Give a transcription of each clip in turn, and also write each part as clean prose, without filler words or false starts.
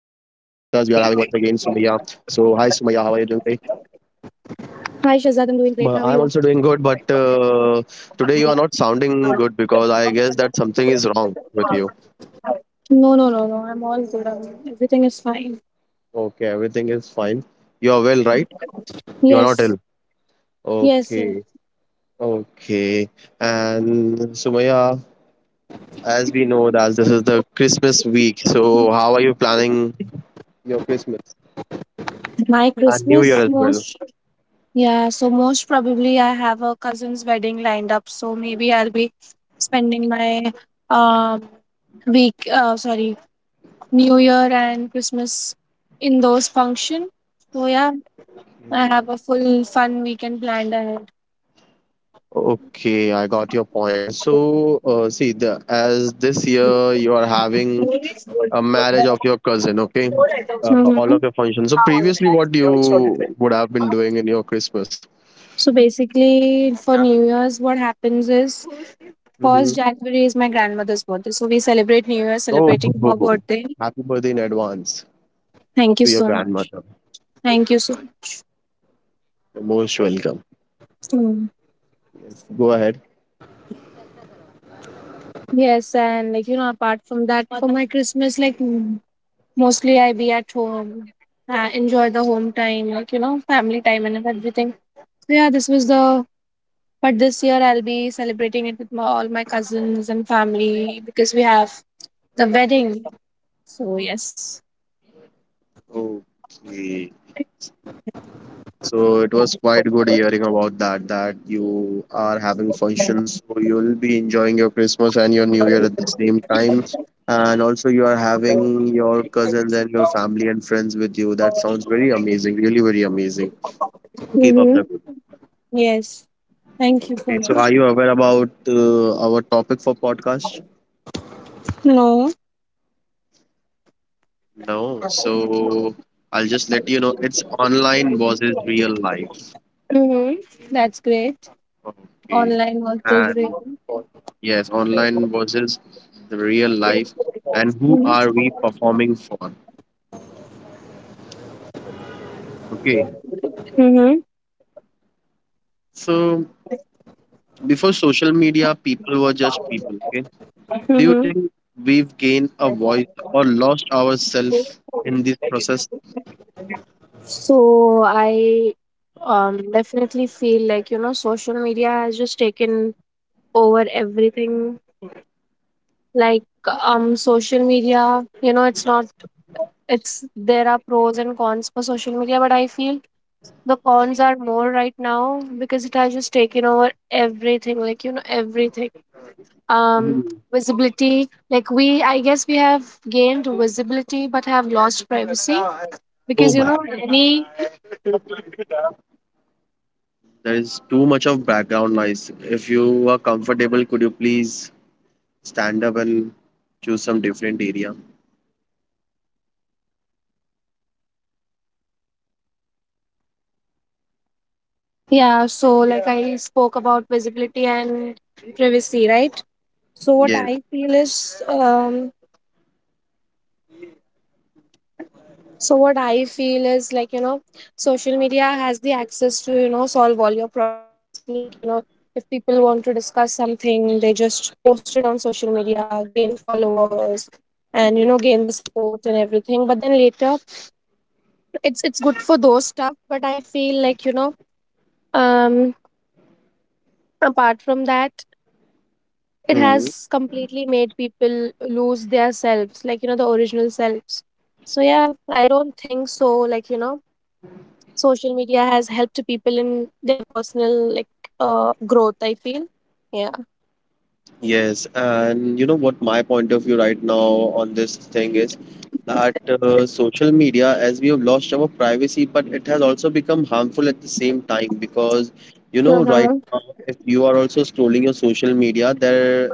Sumaya, how are you doing today? Hi Shazad, I'm doing great. How are you? But I'm also doing good, but today you are not sounding good because I guess that something is wrong with you. No, no, no, no. I'm all good. I'm- everything is fine. Okay, everything is fine. You are well, right? You are not Yes, ill. yes, yes. Okay, okay. And Sumaya, as we know that this is the Christmas week, so how are you planning your Christmas My and New Year Christmas as well? most. Yeah, so most probably I have a cousin's wedding lined up. So maybe I'll be spending my um week. Sorry, New Year and Christmas in those function. So yeah, I have a full fun weekend planned ahead. Okay, I got your point. So, see, the as this year you are having a marriage of your cousin, okay? All of Mhm. your functions. So previously, what you would have been doing in your Christmas? So basically, for New Year's, what happens is Mm-hmm. first January is my grandmother's birthday, so we celebrate New Year celebrating her Oh, birthday. happy birthday in advance Thank you to your so much. grandmother. Thank you so much. You're most welcome. Mm. Yes, go ahead. Yes, and apart from that, for my Christmas, mostly I be at home, enjoy the home time, family time and everything. So yeah, this was the. But this year I'll be celebrating it with my, all my cousins and family because we have the wedding. So yes. Okay. So it was quite good hearing about that, that you are having functions, so you'll be enjoying your Christmas and your New Year at the same time. And also you are having your cousins and your family and friends with you. That sounds very amazing, really very amazing. Keep up Mm-hmm. the good. Yes. Thank you so Okay, so much. are you aware about our topic for podcast? No. No, so I'll just let you know. It's online versus real life. Mm-hmm. That's great. Okay. Online versus And real. yes, online versus the real life, and who are we performing for? Okay, Mm-hmm. so before social media, people were just people. Okay, do you Mm-hmm. think we've gained a voice or lost ourselves in this process? So I definitely feel like social media has just taken over everything. Like social media, you know, it's not it's there are pros and cons for social media, but I feel the cons are more right now because it has just taken over everything, everything. um Mhm. Visibility, like we I guess we have gained visibility but have lost privacy Oh because you my, know any. there is too much of background noise. If you are comfortable, could you please stand up and choose some different area? Yeah, so like I spoke about visibility and privacy, right? so what Yes. i feel is um so what I feel is like social media has the access to, you know, solve all your problems. Like if people want to discuss something, they just post it on social media, gain followers, and you know, gain the support and everything. But then later, it's good for those stuff. But I feel like, you know, um apart from that, it Mhm. has completely made people lose their selves, like you know, the original selves. So yeah, I don't think so, like you know, social media has helped people in their personal like growth, I feel. Yeah. Yes, and you know what my point of view right now on this thing is that social media, as we have lost our privacy, but it has also become harmful at the same time because you know right Mm-hmm. now if you are also scrolling your social media, there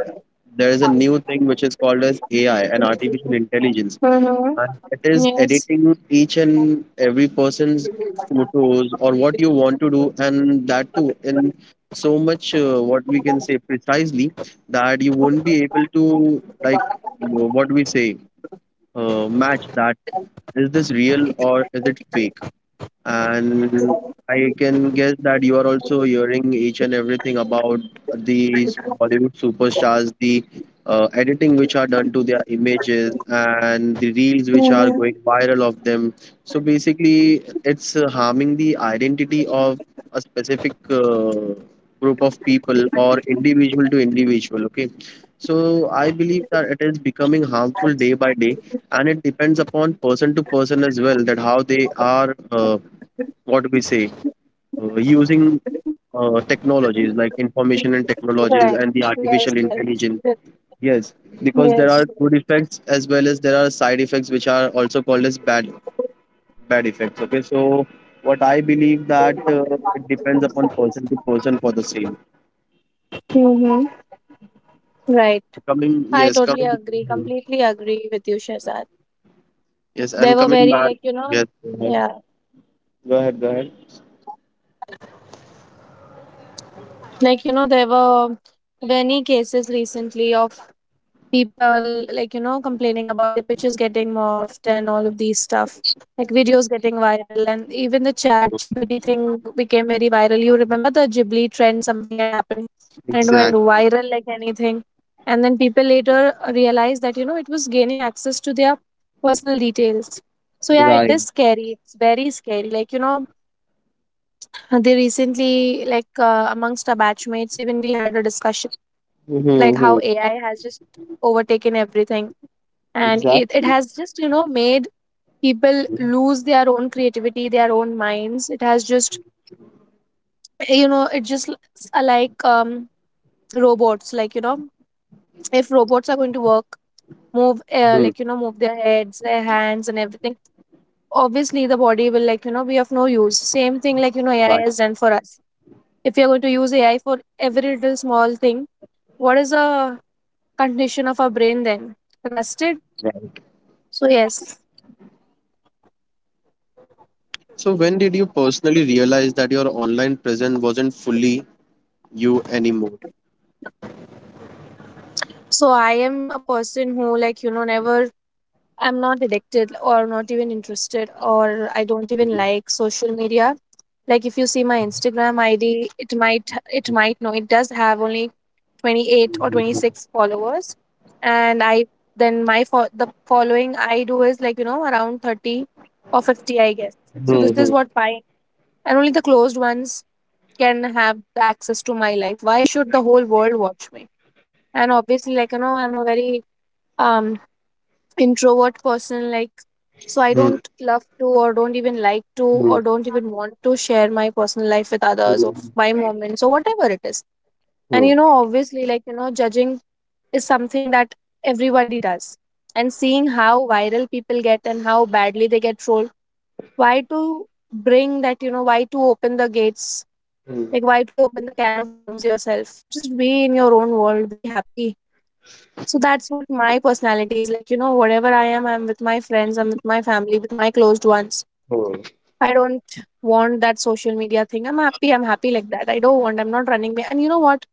there is a new thing which is called as AI and artificial intelligence, Mm-hmm. and it is Yes. editing each and every person's photos or what you want to do, and that too in so much what we can say precisely that you won't be able to like what we say match that. Is this real or is it fake? And I can guess that you are also hearing each and everything about these Bollywood superstars, the editing which are done to their images, and the reels which are going Mm-hmm. viral of them. So basically, it's harming the identity of a specific group of people or individual to individual. Okay. So I believe that it is becoming harmful day by day, and it depends upon person to person as well that how they are. What we say using technologies like information and technologies Correct. and the artificial Yes, yes. intelligence, yes, because there are Yes. good effects as well as there are side effects which are also called as bad effects, okay. So what I believe that it depends upon person to person for the same. Mm-hmm. Right. Coming I yes, totally coming agree, completely agree with you, Shaza. yes, and There were coming very, back like, you yes, know, go ahead, yeah, go ahead, go ahead. like, you know, there were many cases recently of people, like, you know, complaining about their pictures getting morphed and all of these stuff, like videos getting viral. And even the chat GPT thing became very viral. You remember the Ghibli trend, something had happened and it went Exact, viral like anything. And then people later realized that, you know, it was gaining access to their personal details. So yeah, it right. is scary. It's very scary. Like, you know, they recently, like amongst our batchmates, even we had a discussion like Mm-hmm. how AI has just overtaken everything, and it Exactly. has just, you know, made people lose their own creativity, their own minds. It has just, you know, it just robots, like you know, if robots are going to work, move Hmm. like you Right. know, move their heads, their hands, and everything. Obviously, the body will, like you know, be of no use. Same thing, like you know, AI Right. has done for us. If you are going to use AI for every little small thing, what is a condition of our brain then? Rusted? So, yes. So, when did you personally realize that your online presence wasn't fully you anymore? So, I am a person who, like, you know, never, I'm not addicted or not even interested or I don't even Mhm. like social media. Like, if you see my Instagram ID, no, it does have only 28 or 26 followers. And I, then my, fo- the following I do is like, you know, around 30 or 50, I guess. So, this is Mhm. what my, and only the closed ones can have the access to my life. Why should the whole world watch me? And obviously, like you know, I'm a very um introvert person. Like, so I Mhm. don't love to or don't even like to Mhm. or don't even want to share my personal life with others or Mhm. my moments or whatever it is. And you know, obviously, like you know, judging is something that everybody does. And seeing how viral people get and how badly they get trolled, why to bring that, you know, why to open the gates, Mhm. like, why to open the can of worms yourself? Just be in your own world, be happy. So that's what my personality is like. You know, whatever I am, I'm with my friends, I'm with my family, with my closed ones. Mhm. I don't want that social media thing. I'm happy like that. I don't want, I'm not running. And you know what?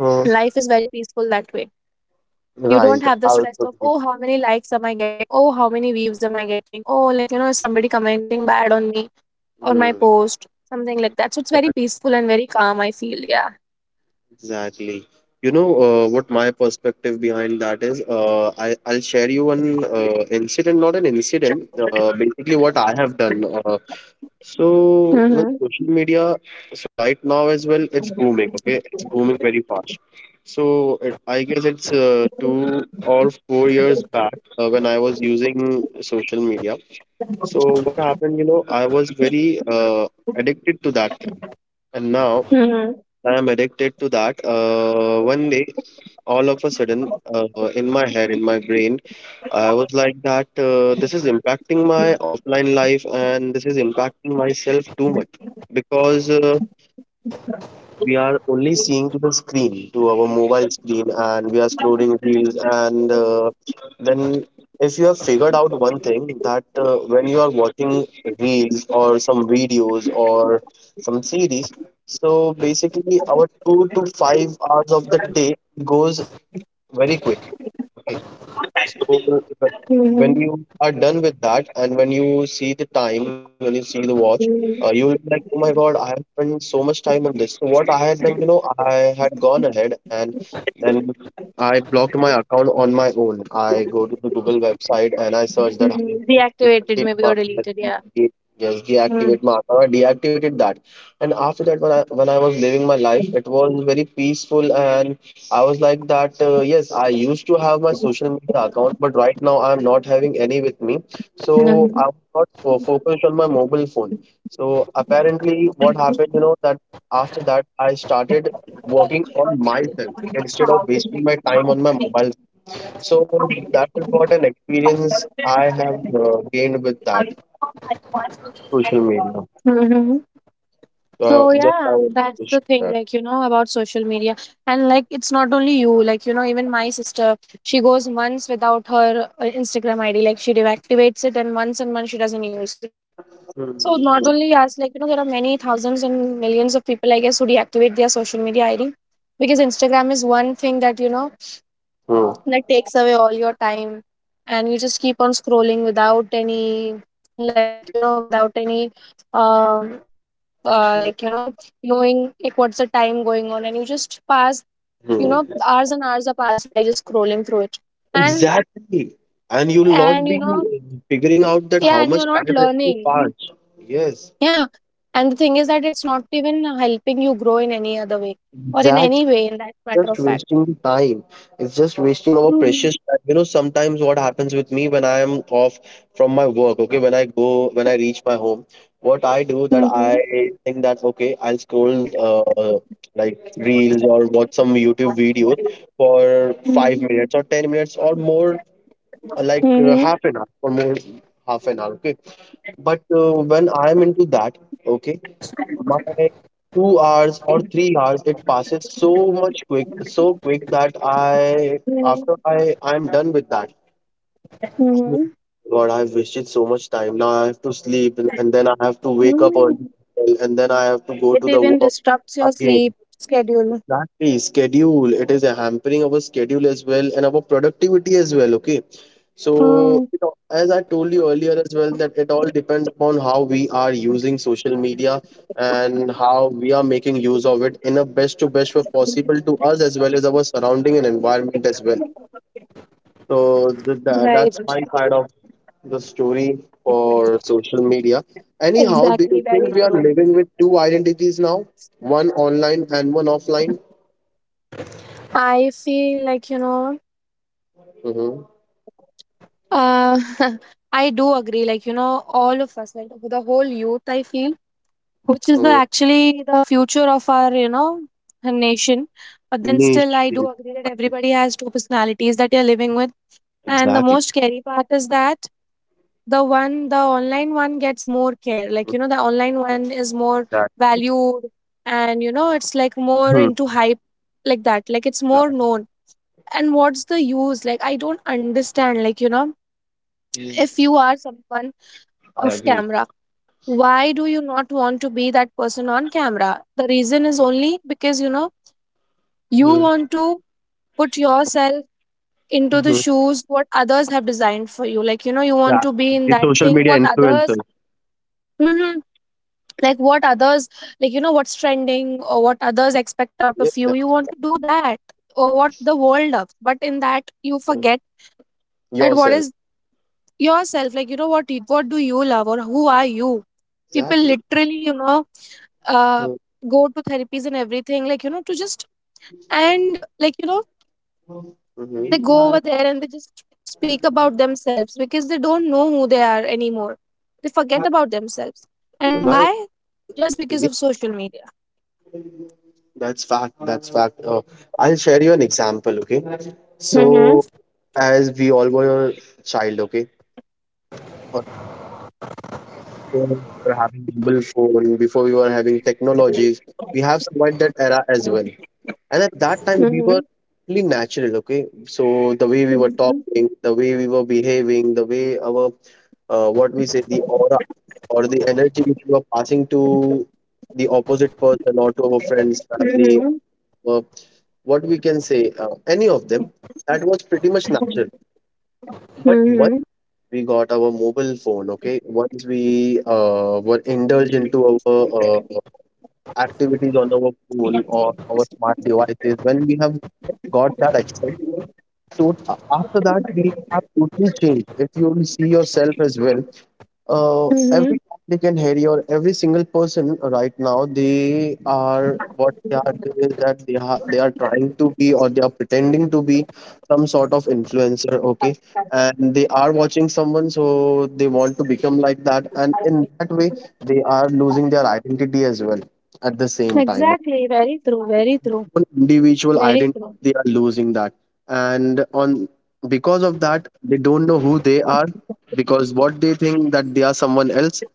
Uh, Life is very peaceful that way. You right. don't have the I stress also of, agree. oh, how many likes am I getting? Oh, how many views am I getting? Oh, like, you know, is somebody commenting bad on me on my Hmm. post, something like that. So it's very peaceful and very calm, I feel. Yeah. Exactly. You know what my perspective behind that is. I'll share you an incident, not an incident. Basically, what I have done. So well, Mm-hmm. social media. So right now as well, it's booming. Okay, it's booming very fast. So it, I guess it's two or four years back when I was using social media. So what happened? You know, I was very addicted to that thing, and now I am addicted to that. One day, all of a sudden, in my head, in my brain, I was like that this is impacting my offline life and this is impacting myself too much because we are only seeing to the screen, to our mobile screen, and we are scrolling reels. And then, if you have figured out one thing that when you are watching reels or some videos or some series, so basically our two to five hours of the day goes very quick. So uh, Mm-hmm. when you are done with that, and when you see the time, when you see the watch, you will be like, "Oh my God, I have spent so much time on this." So what I had done, you know, I had gone ahead and then I blocked my account on my own. I go to the Google website and I search that how to my Deactivated maybe or account, deleted, yeah. de- yes, deactivate my account. I deactivated that, and after that, when I was living my life, it was very peaceful and I was like that, yes, I used to have my social media account, but right now I'm not having any with me. So I'm not focused on my mobile phone. So apparently, what happened, you know, that after that, I started working on myself instead of wasting my time on my mobile. So that is what an experience I have gained with that social media. Mm-hmm. So So just I yeah, wanted that's to share the thing, that. like you know, about social media, and like it's not only you, like you know, even my sister, she goes months without her Instagram ID, like she deactivates it, and months she doesn't use it. So Hmm, not hmm, only hmm. us, like you know, there are many thousands and millions of people, I guess, who deactivate their social media ID because Instagram is one thing that you know, Hmm, that takes away all your time and you just keep on scrolling without any, like you know, without any um like you know, knowing like what's the time going on, and you just pass, you know, hmm. hours and hours are passed by just scrolling through it. And Exactly. And you'll not and be You know, figuring out that how yeah, and much you're time not actually learning. passed. Yes. Yeah, and the thing is that it's not even helping you grow in any other way or in Exactly. any way, in that matter Just of fact. wasting the time. It's just wasting our Mm-hmm. precious time. You know, sometimes what happens with me when I am off from my work, okay, when I go, when I reach my home, what I do that Mm-hmm. I think that, okay, I'll scroll like reels or watch some YouTube videos for five minutes or 10 minutes or more, Mm-hmm. half an hour or more, half an hour, okay. But when I'm into that, okay, my two hours or three hours, it passes so much quick, so quick that I, Mm-hmm. after I, I'm done with that. I'm like, God, I've wasted so much time. Now I have to sleep, and then I have to wake up early, Mm-hmm. and then I have to go It to the even work disrupts your again. sleep schedule. Exactly, schedule. It is hampering our schedule as well and our productivity as well. Okay, so, Hmm. you know, as I told you earlier as well, that it all depends upon how we are using social media and how we are making use of it in a best to best way possible to us as well as our surrounding and environment as well. So th- tha- Right. that's my side of the story for social media. Anyhow, do Exactly. you think Very we are true. living with two identities now? One online and one offline? I feel like, you know, Mm-hmm. uh, I do agree. Like, you know, all of us, like the whole youth, I feel, which is the Mm-hmm. actually the future of our, you know, nation. But then still, Niche. I do agree that everybody has two personalities that they're living with. And the Exactly. most scary part is that the online one gets more care. Like, you know, the online one is more Exactly. valued and, you know, it's like more Hmm. into hype like that. Like, it's more known. And what's the use? Like, I don't understand. Like, you know, Right. if you are someone I off agree. camera, why do you not want to be that person on camera? The reason is only because, you know, you want to put yourself into the Mm-hmm. shoes what others have designed for you, like you know, you want to be Exactly. in The that social thing media what others, influencers. hmm, like what others, like you know, what's trending or what others expect out Yes, of you, you want to do that or what the world loves. But in that you that forget that, what yourself. is yourself, like you know, what you- what do you love or who are you? People Exactly. literally, you know, uh go to therapies and everything, like you know, to just, and like you know, they Mm-hmm. go over there and they just speak about themselves because they don't know who they are anymore. They forget about themselves. And Right. why? Just because Yeah, of social media. that's fact. That's fact. I'll share you an example. Okay. Mm-hmm. So, as we all were child. Okay. Uh, before we were having mobile phone. Before we were having technologies. We have survived that era as well. And at that time, we were Mm-hmm. really natural. Okay. So the way we were talking, the way we were behaving, the way our what we say the aura or the energy which you are passing to the opposite person or to our friends family Mm-hmm. uh, what we can say any of them, that was pretty much natural. But once Mm-hmm. we got our mobile phone, okay, once we were indulged into our uh, activities on our phone or our smart devices, when we have got that access. So after that we have totally changed. If you will see yourself as well, Mm-hmm. every applicant here or every single person right now, they are what they are doing is that they are trying to be or they are pretending to be some sort of influencer, okay, and they are watching someone, so they want to become like that, and in that way they are losing their identity as well at the same time. Exactly. Very true. Very true. One individual Very identity, true. they are losing that, and on because of that they don't know who they are, because what they think that they are someone else,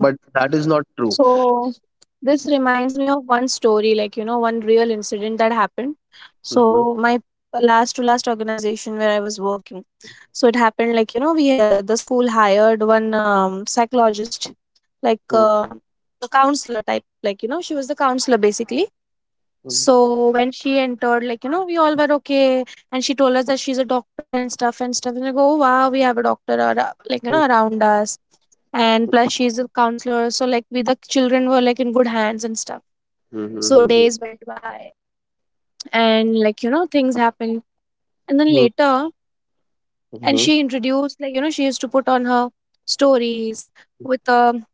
but that is not true. So this reminds me of one story, like you know, one real incident that happened. Mhm, So my last to last organization where I was working. So it happened, like you know, we had, the school hired one psychologist, like mhm, a counselor type, like you know, she was the counselor basically. mhm, So when she entered, we all were okay, and she told us that she's a doctor and stuff and stuff, and I go, oh, wow, we have a doctor around US, and plus she's a counselor, so like we the children were like in good hands and stuff. mhm, mhm, So mhm, days went by, and things happened, and then later, mhm, and mhm, she introduced, she used to put on her stories with um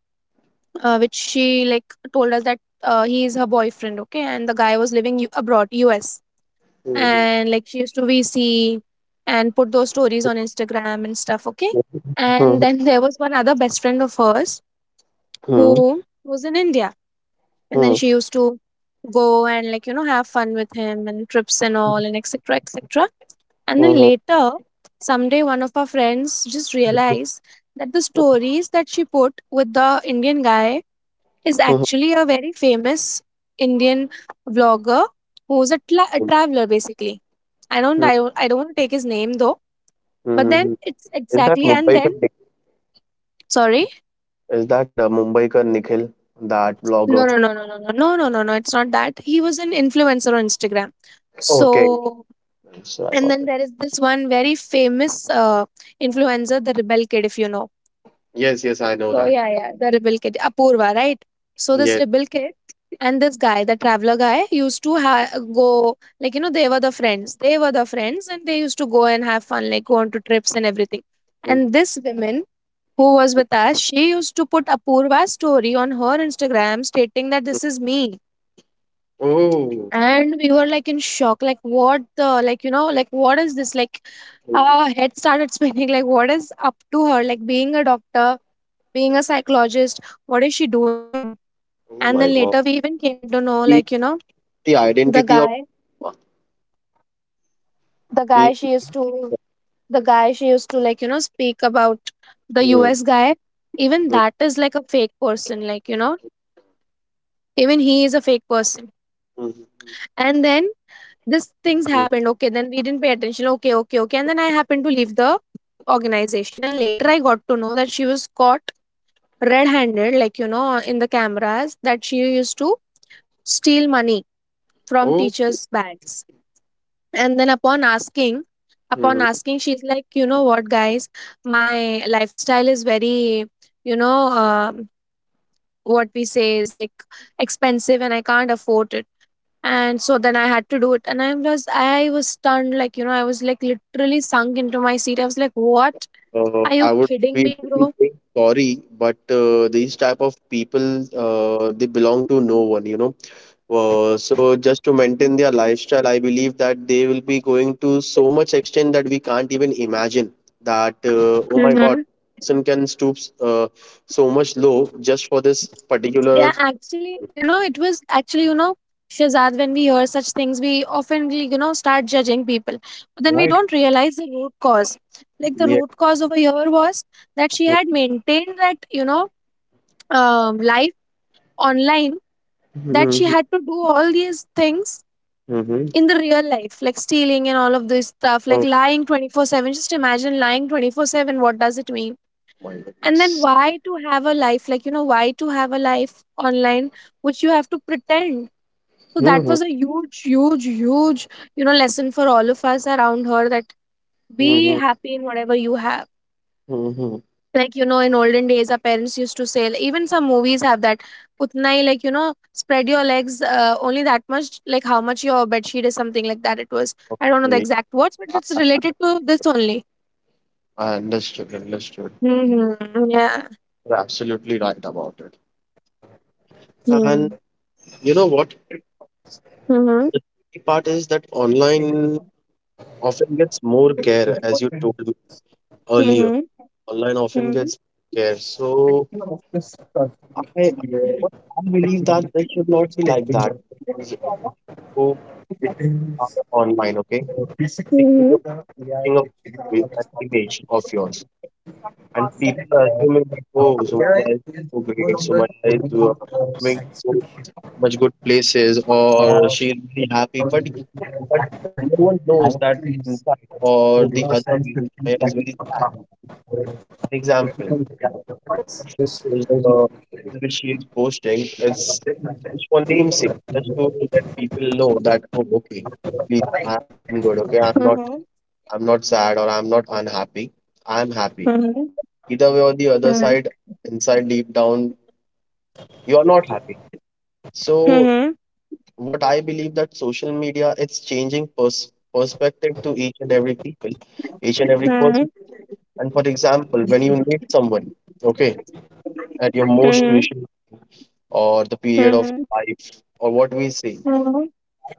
uh, which she told us that he is her boyfriend, okay, and the guy was living abroad US. mhm, mhm, And she used to VC and put those stories on Instagram and stuff, okay, mhm, and then there was one other best friend of hers who was in India. And then she used to go and have fun with him and trips and all, and etc, etc. And then mhm, later, someday, one of our friends just realized that the stories that she put with the Indian guy is mhm, actually a very famous Indian vlogger who's a, a traveler basically. I don't want to take his name though. But mhm, then mhm. it's Is that exactly, and Mumbai ka then, Nikhil? sorry, Is that Mumbai ka Nikhil, that no, blogger? no, no, no, no, no, no, no, no, no, it's not that, he was an influencer on Instagram, so. Okay, so I And got then it. there is this one very famous influencer, the Rebel Kid, if you know. Yes, yes, I know So that. yeah, yeah, the Rebel Kid, Apurva, right? So this Yes. Rebel Kid and this guy, the traveler guy, go, they were the friends, and they used to go and have fun, like go on to trips and everything. And Mhm. this woman who was with us, she used to put Apurva's story on her Instagram, stating that this is me. Oh, And we were like in shock, like what the, like what is this, like our head started spinning, like what is up to her, like being a doctor, being a psychologist, what is she doing. And oh then my later we God. even came to know, He- the the identity guy of the guy she. she used to the guy she used to speak about, the Mhm, US guy, even mhm, that is like a fake person, even he is a fake person. mhm, And then this things mhm. happened. Okay, then we didn't pay attention. Okay, okay, okay. And then I happened to leave the organization. And later I got to know that she was caught red handed, like, in the cameras, that she used to steal money from Oh. teachers' bags. And then upon asking, she's like, you know what, guys, my lifestyle is very, you know, what we say is like expensive, and I can't afford it. And so then I had to do it. And I was stunned, like I was like literally sunk into my seat, I was like, what, are I you would be kidding me, really bro? saying sorry, but these type of people they belong to no one, you know. So just to maintain their lifestyle, I believe that they will be going to so much extent that we can't even imagine. That oh my Mm-hmm. God, person can stoop so much low just for this particular. Yeah, actually, you know, it was actually, you know, Shazad, when we hear such things, we often, you know, start judging people, but then we Right. don't realize the root cause. Like, the Yeah. root cause over here was that she had maintained that, you know, life online, that she Mm-hmm. had to do all these things Mm-hmm. in the real life, like stealing and all of this stuff, like Oh lying 24/7. Just imagine lying 24/7. What does it mean? my And then, goodness. why to have a life, like, you know, why to have a life online which you have to pretend? So that Mm-hmm. was a huge, huge, huge, you know, lesson for all of us around her, that be Mm-hmm. happy in whatever you have, Mm-hmm. like in olden days our parents used to say, like, even some movies have that, utna hi, like spread your legs, only that much, like how much your bed sheet is, something like that, it was, I don't know the Okay. exact words, but it's I related to this only. I understood. Understood. Mm-hmm. Yeah. You're absolutely right about it. And Mm-hmm. you know what? Mm-hmm. The tricky part is that online often gets more care, as you told me Mm-hmm. earlier. Mm-hmm. Online often Mm-hmm. gets care. So I, what I believe that this should not be like that. Z- Who are online, okay? Think you're putting up with an image of yours, and people are assuming that oh, Zomato is so great, Zomato is doing so much good places or she's very happy, but no one knows that inside or the other way is very sad, an example of course, uh, which she is posting. It's just for namesake, just to let people know that oh, okay, please I- I'm good, okay, I'm not, I'm not sad or I'm not unhappy, I'm happy Mm-hmm. either way. Or the other side, inside deep down, you're not happy. So what I believe, that social media, it's changing perspective to each and every people, each and every person. And for example, when you meet someone, okay, at your most Mm-hmm. crucial or the period of Mm-hmm. life, or what we say,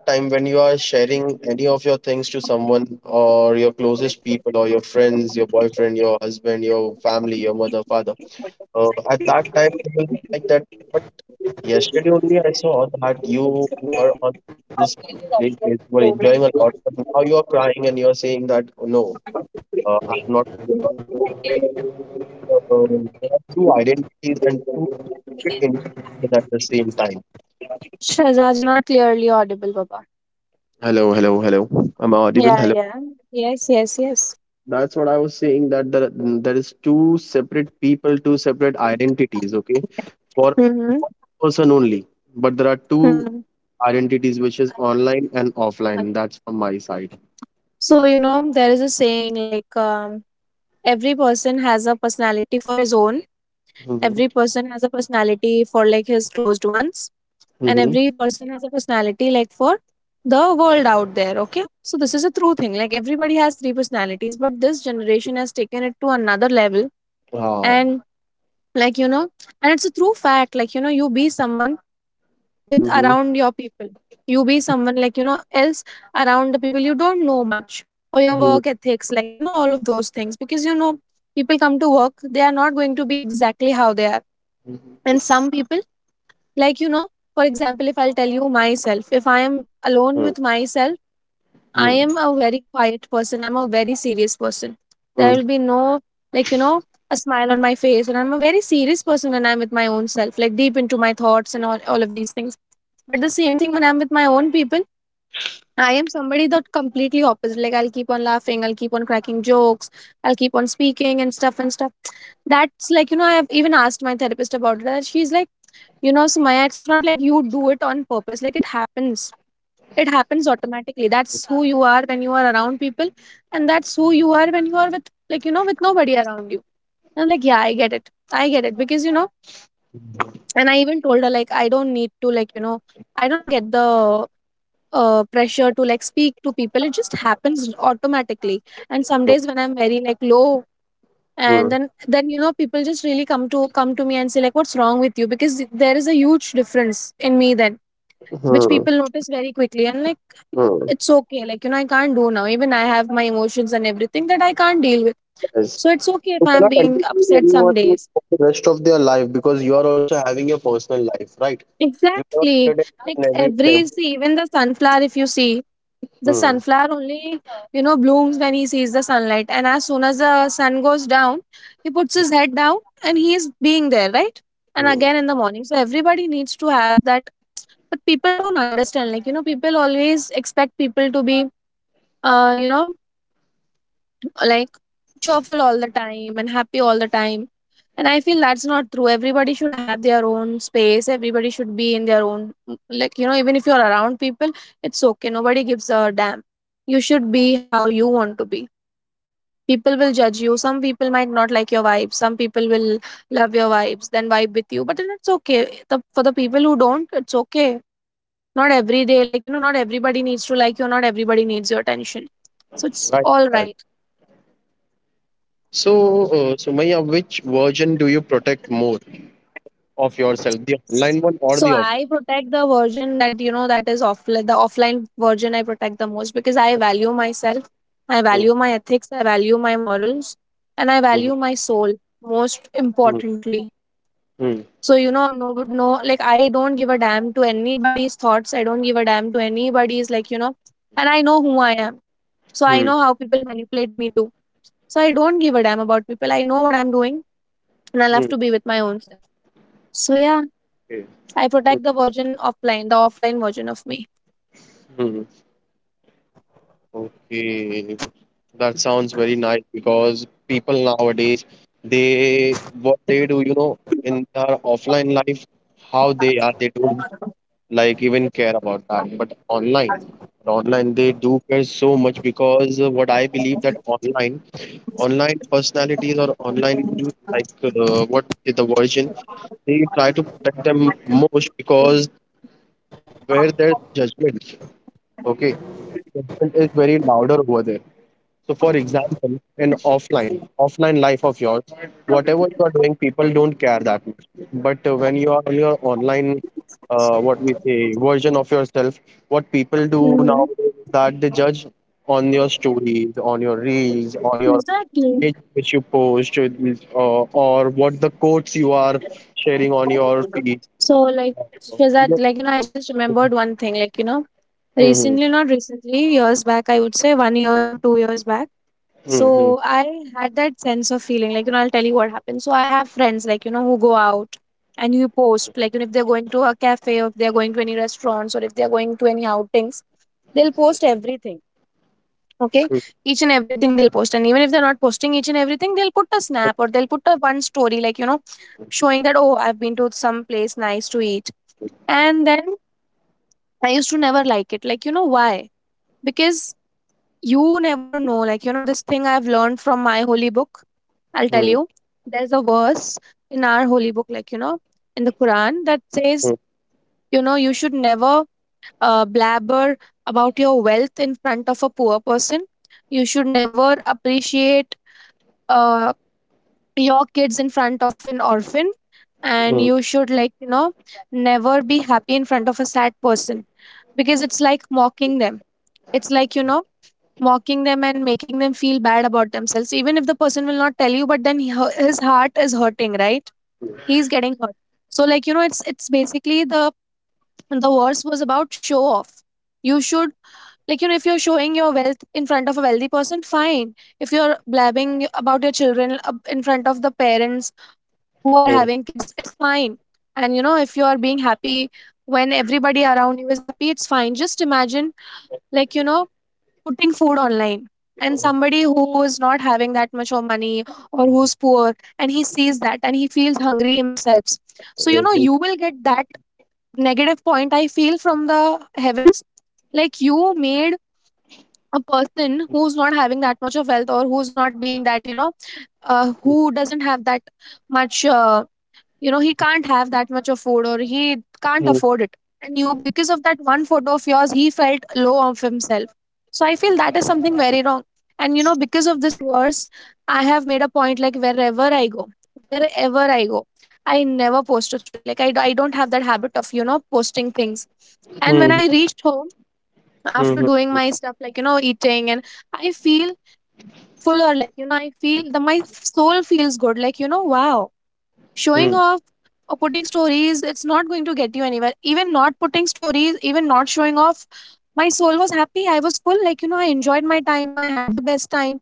time when you are sharing any of your things to someone or your closest people or your friends, your boyfriend, your husband, your family, your mother, father, at that time they will like that. But yesterday only I saw that you were on this place that you were enjoying a lot, but now you are crying and you are saying that "Oh, no, I'm not." There are two identities and two different individuals at the same time. Shazaj, you're not clearly audible, Baba. Hello, hello, hello. Am I audible? Yeah, Hello. yeah. Yes, yes, yes. That's what I was saying, that there is two separate people, two separate identities. Okay, for one Mm-hmm. person only, but there are two Hmm. identities, which is online and offline. That's from my side. So, you know, there is a saying, like, every person has a personality for his own, every person has a personality for like his closed ones, and Mhm. every person has a personality like for the world out there. Okay. So, this is a true thing. Like, everybody has three personalities, but this generation has taken it to another level. Oh. And, like, you know, and it's a true fact. Like, you know, you be someone with Mhm. around your people. You be someone, like, you know, else, around the people you don't know much, or your Mhm. work ethics, like, you know, all of those things. Because, you know, people come to work, they are not going to be exactly how they are. Mhm. And some people, like, you know, for example, if I'll tell you myself, if I am alone Mhm. with myself, I am Mhm. a very quiet person. I'm a very serious person. There Mhm. will be no, like, you know, a smile on my face. And I'm a very serious person when I'm with my own self, like deep into my thoughts and all of these things. But the same thing when I'm with my own people, I am somebody that completely opposite. Like, I'll keep on laughing, I'll keep on cracking jokes, I'll keep on speaking and stuff and stuff. That's like, you know, I have even asked my therapist about it. And she's like, you know, Sumaya, it's not like you do it on purpose, like, it happens automatically. That's who you are when you are around people, and that's who you are when you are with, like, you know, with nobody around you. And I'm like, yeah, I get it, I get it, because you know. And I even told her, like, I don't need to, like, you know, I don't get the pressure to like speak to people, it just happens automatically. And some days when I'm very like low, and then you know people just really come to me and say, like, what's wrong with you, because there is a huge difference in me then, which Mhm. people notice very quickly. And, like, Mhm. it's okay. Like, you know, I can't do now. Even I have my emotions and everything that I can't deal with. Yes. So it's okay if You I'm cannot being entertain upset some anyone days. for the rest of their life because you are also having your personal life, right? You cannot Exactly. entertain Like every. every, see, even the sunflower, if you see, the Hmm. sunflower only, you know, blooms when he sees the sunlight. And as soon as the sun goes down, he puts his head down and he is being there, right? And Hmm. again in the morning. So everybody needs to have that. But people don't understand. Like, you know, people always expect people to be, you know, like cheerful all the time and happy all the time. And I feel that's not true. Everybody should have their own space. Everybody should be in their own, like, you know, even if you're around people, it's okay. Nobody gives a damn. You should be how you want to be. People will judge you. Some people might not like your vibes. Some people will love your vibes, then vibe with you. But then it's okay. The, for the people who don't, it's okay. Not every day, like, you know, not everybody needs to like you. Not everybody needs your attention. So it's Right. all Right. right. So, Sumaya, which version do you protect more of yourself, the online one or So the offline? I protect the version that, you know, that is offline. The offline version I protect the most because I value myself, I Hmm. value my ethics, I value my morals, and I Hmm. value my soul most Hmm. importantly. Hmm. So, you know, no, no, like I don't give a damn to anybody's thoughts. I don't give a damn to anybody's, like, you know, and I know who I am. So I Hmm. know how people manipulate me too. So I don't give a damn about people. I know what I'm doing, and I love to Hmm. be with my own self. So yeah. Okay. I protect the version offline, the offline version of me. Hmm. Okay, that sounds very nice because people nowadays, they, what they do, you know, in their offline life, how they are, they don't like even care about that. But online, online they do care so much because what I believe that online, online personalities or online like what is the version, they try to protect them most because where there's judgment, okay, judgment is very louder over there. So, for example, in offline, offline life of yours, whatever you are doing, people don't care that much. But when you are on your online, what we say, version of yourself, what people do Mm-hmm. now is that they judge on your stories, on your reels, on your Exactly. image which you post, or what the quotes you are sharing on your feed. So, like, Shazad, like, you know, I just remembered one thing. Like, you know, Mhm, recently, not recently, years back, I would say one year or 2 years back. mhm, So I had that sense of feeling. Like, you know, I'll tell you what happened. So I have friends, like, you know, who go out and who post, like, you know, if they're going to a cafe or if they're going to any restaurants or if they're going to any outings, they'll post everything. Okay, mhm, each and everything they'll post. And even if they're not posting each and everything, they'll put a snap or they'll put a one story, like, you know, showing that, oh, I've been to some place nice to eat. And then I used to never like it, like, you know, why? Because you never know. Like, you know, this thing I've learned from my holy book, I'll tell mhm, you. There's a verse in our holy book, like, you know, in the Quran, that says, you know, you should never, blabber about your wealth in front of a poor person. You should never appreciate, uh, your kids in front of an orphan. And mhm, you should, like, you know, never be happy in front of a sad person, because it's like mocking them. It's like, you know, mocking them and making them feel bad about themselves. Even if the person will not tell you, but then he, his heart is hurting, right? He's getting hurt. So, like, you know, it's basically the, verse was about show off. You should, like, you know, if you're showing your wealth in front of a wealthy person, fine. If you're blabbing about your children, in front of the parents who are mhm. having kids, it's fine. And, you know, if you are being happy when everybody around you is happy, it's fine. Just imagine, like, you know, putting food online and somebody who is not having that much of money or who's poor, and he sees that and he feels hungry himself. So, you Yes, know, you yes. will get that negative point, I feel, from the heavens. Like, you made a person who's not having that much of wealth, or who's not being that, you know, who doesn't have that much, you know, he can't have that much of food, or he can't Mhm, afford it. And you, because of that one photo of yours, he felt low of himself. So I feel that is something very wrong. And, you know, because of this verse, I have made a point, like wherever I go, wherever i go I never post a story. Like, I don't have that habit of, you know, posting things. And when mhm, I reached home, after mhm, doing my stuff, like, you know, eating and, I feel fuller. Like, you know, I feel, the, my soul feels good. Like, you know, wow, showing mhm. off or putting stories, it's not going to get you anywhere. Even not putting stories, even not showing off, my soul was happy, I was full, like, you know, I enjoyed my time, I had the best time.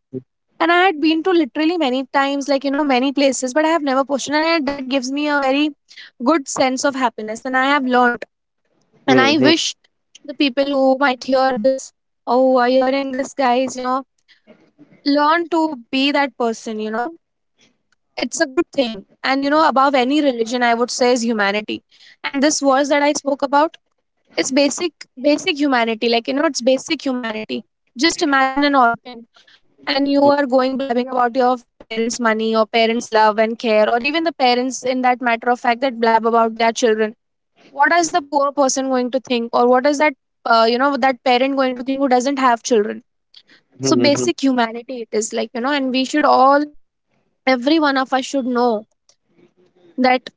And I had been to literally many times, like, you know, many places, but I have never posted. And that gives me a very good sense of happiness. And I have learned, and Mhm, I mhm, wish the people who might hear this, or who are hearing this, guys, you know, learn to be that person, you know. It's a good thing. And, you know, above any religion, I would say is humanity. And this verse that I spoke about, it's basic, basic humanity. Like, you know, it's basic humanity. Just imagine an orphan, and you mhm. are going blabbing about your parents' money or parents' love and care, or even the parents, in that matter of fact, that blab about their children, what is the poor person going to think, or what is that, you know, that parent going to think who doesn't have children? Hmm. So Hmm. basic humanity it is, like, you know. And we should all, every one of us, should know that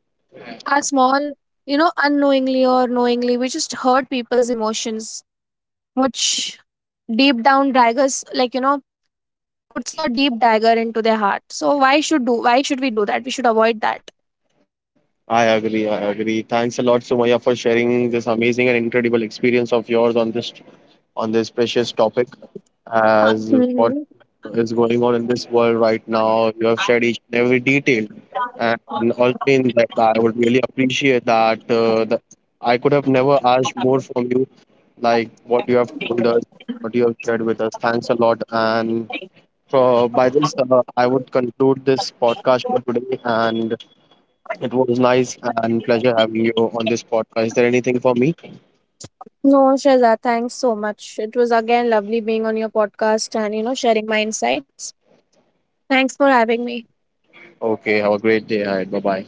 our small, you know, unknowingly or knowingly, we just hurt people's emotions, which deep down daggers, like, you know, puts a deep dagger into their heart. So why should we do that? We should avoid that. I agree. I agree. Thanks a lot, Sumaya, for sharing this amazing and incredible experience of yours on this, on this precious topic. As what Mhm. is going on in this world right now, you have shared each and every detail, and also in that, I would really appreciate that. I could have never asked more from you, like what you have told us, what you have shared with us. Thanks a lot, and. So by this, I would conclude this podcast for today, and it was nice and pleasure having you on this podcast. Is there anything for me? No, Shaza, thanks so much, it was again lovely being on your podcast, and, you know, sharing my insights. Thanks for having me. Okay, have a great day ahead. Bye bye.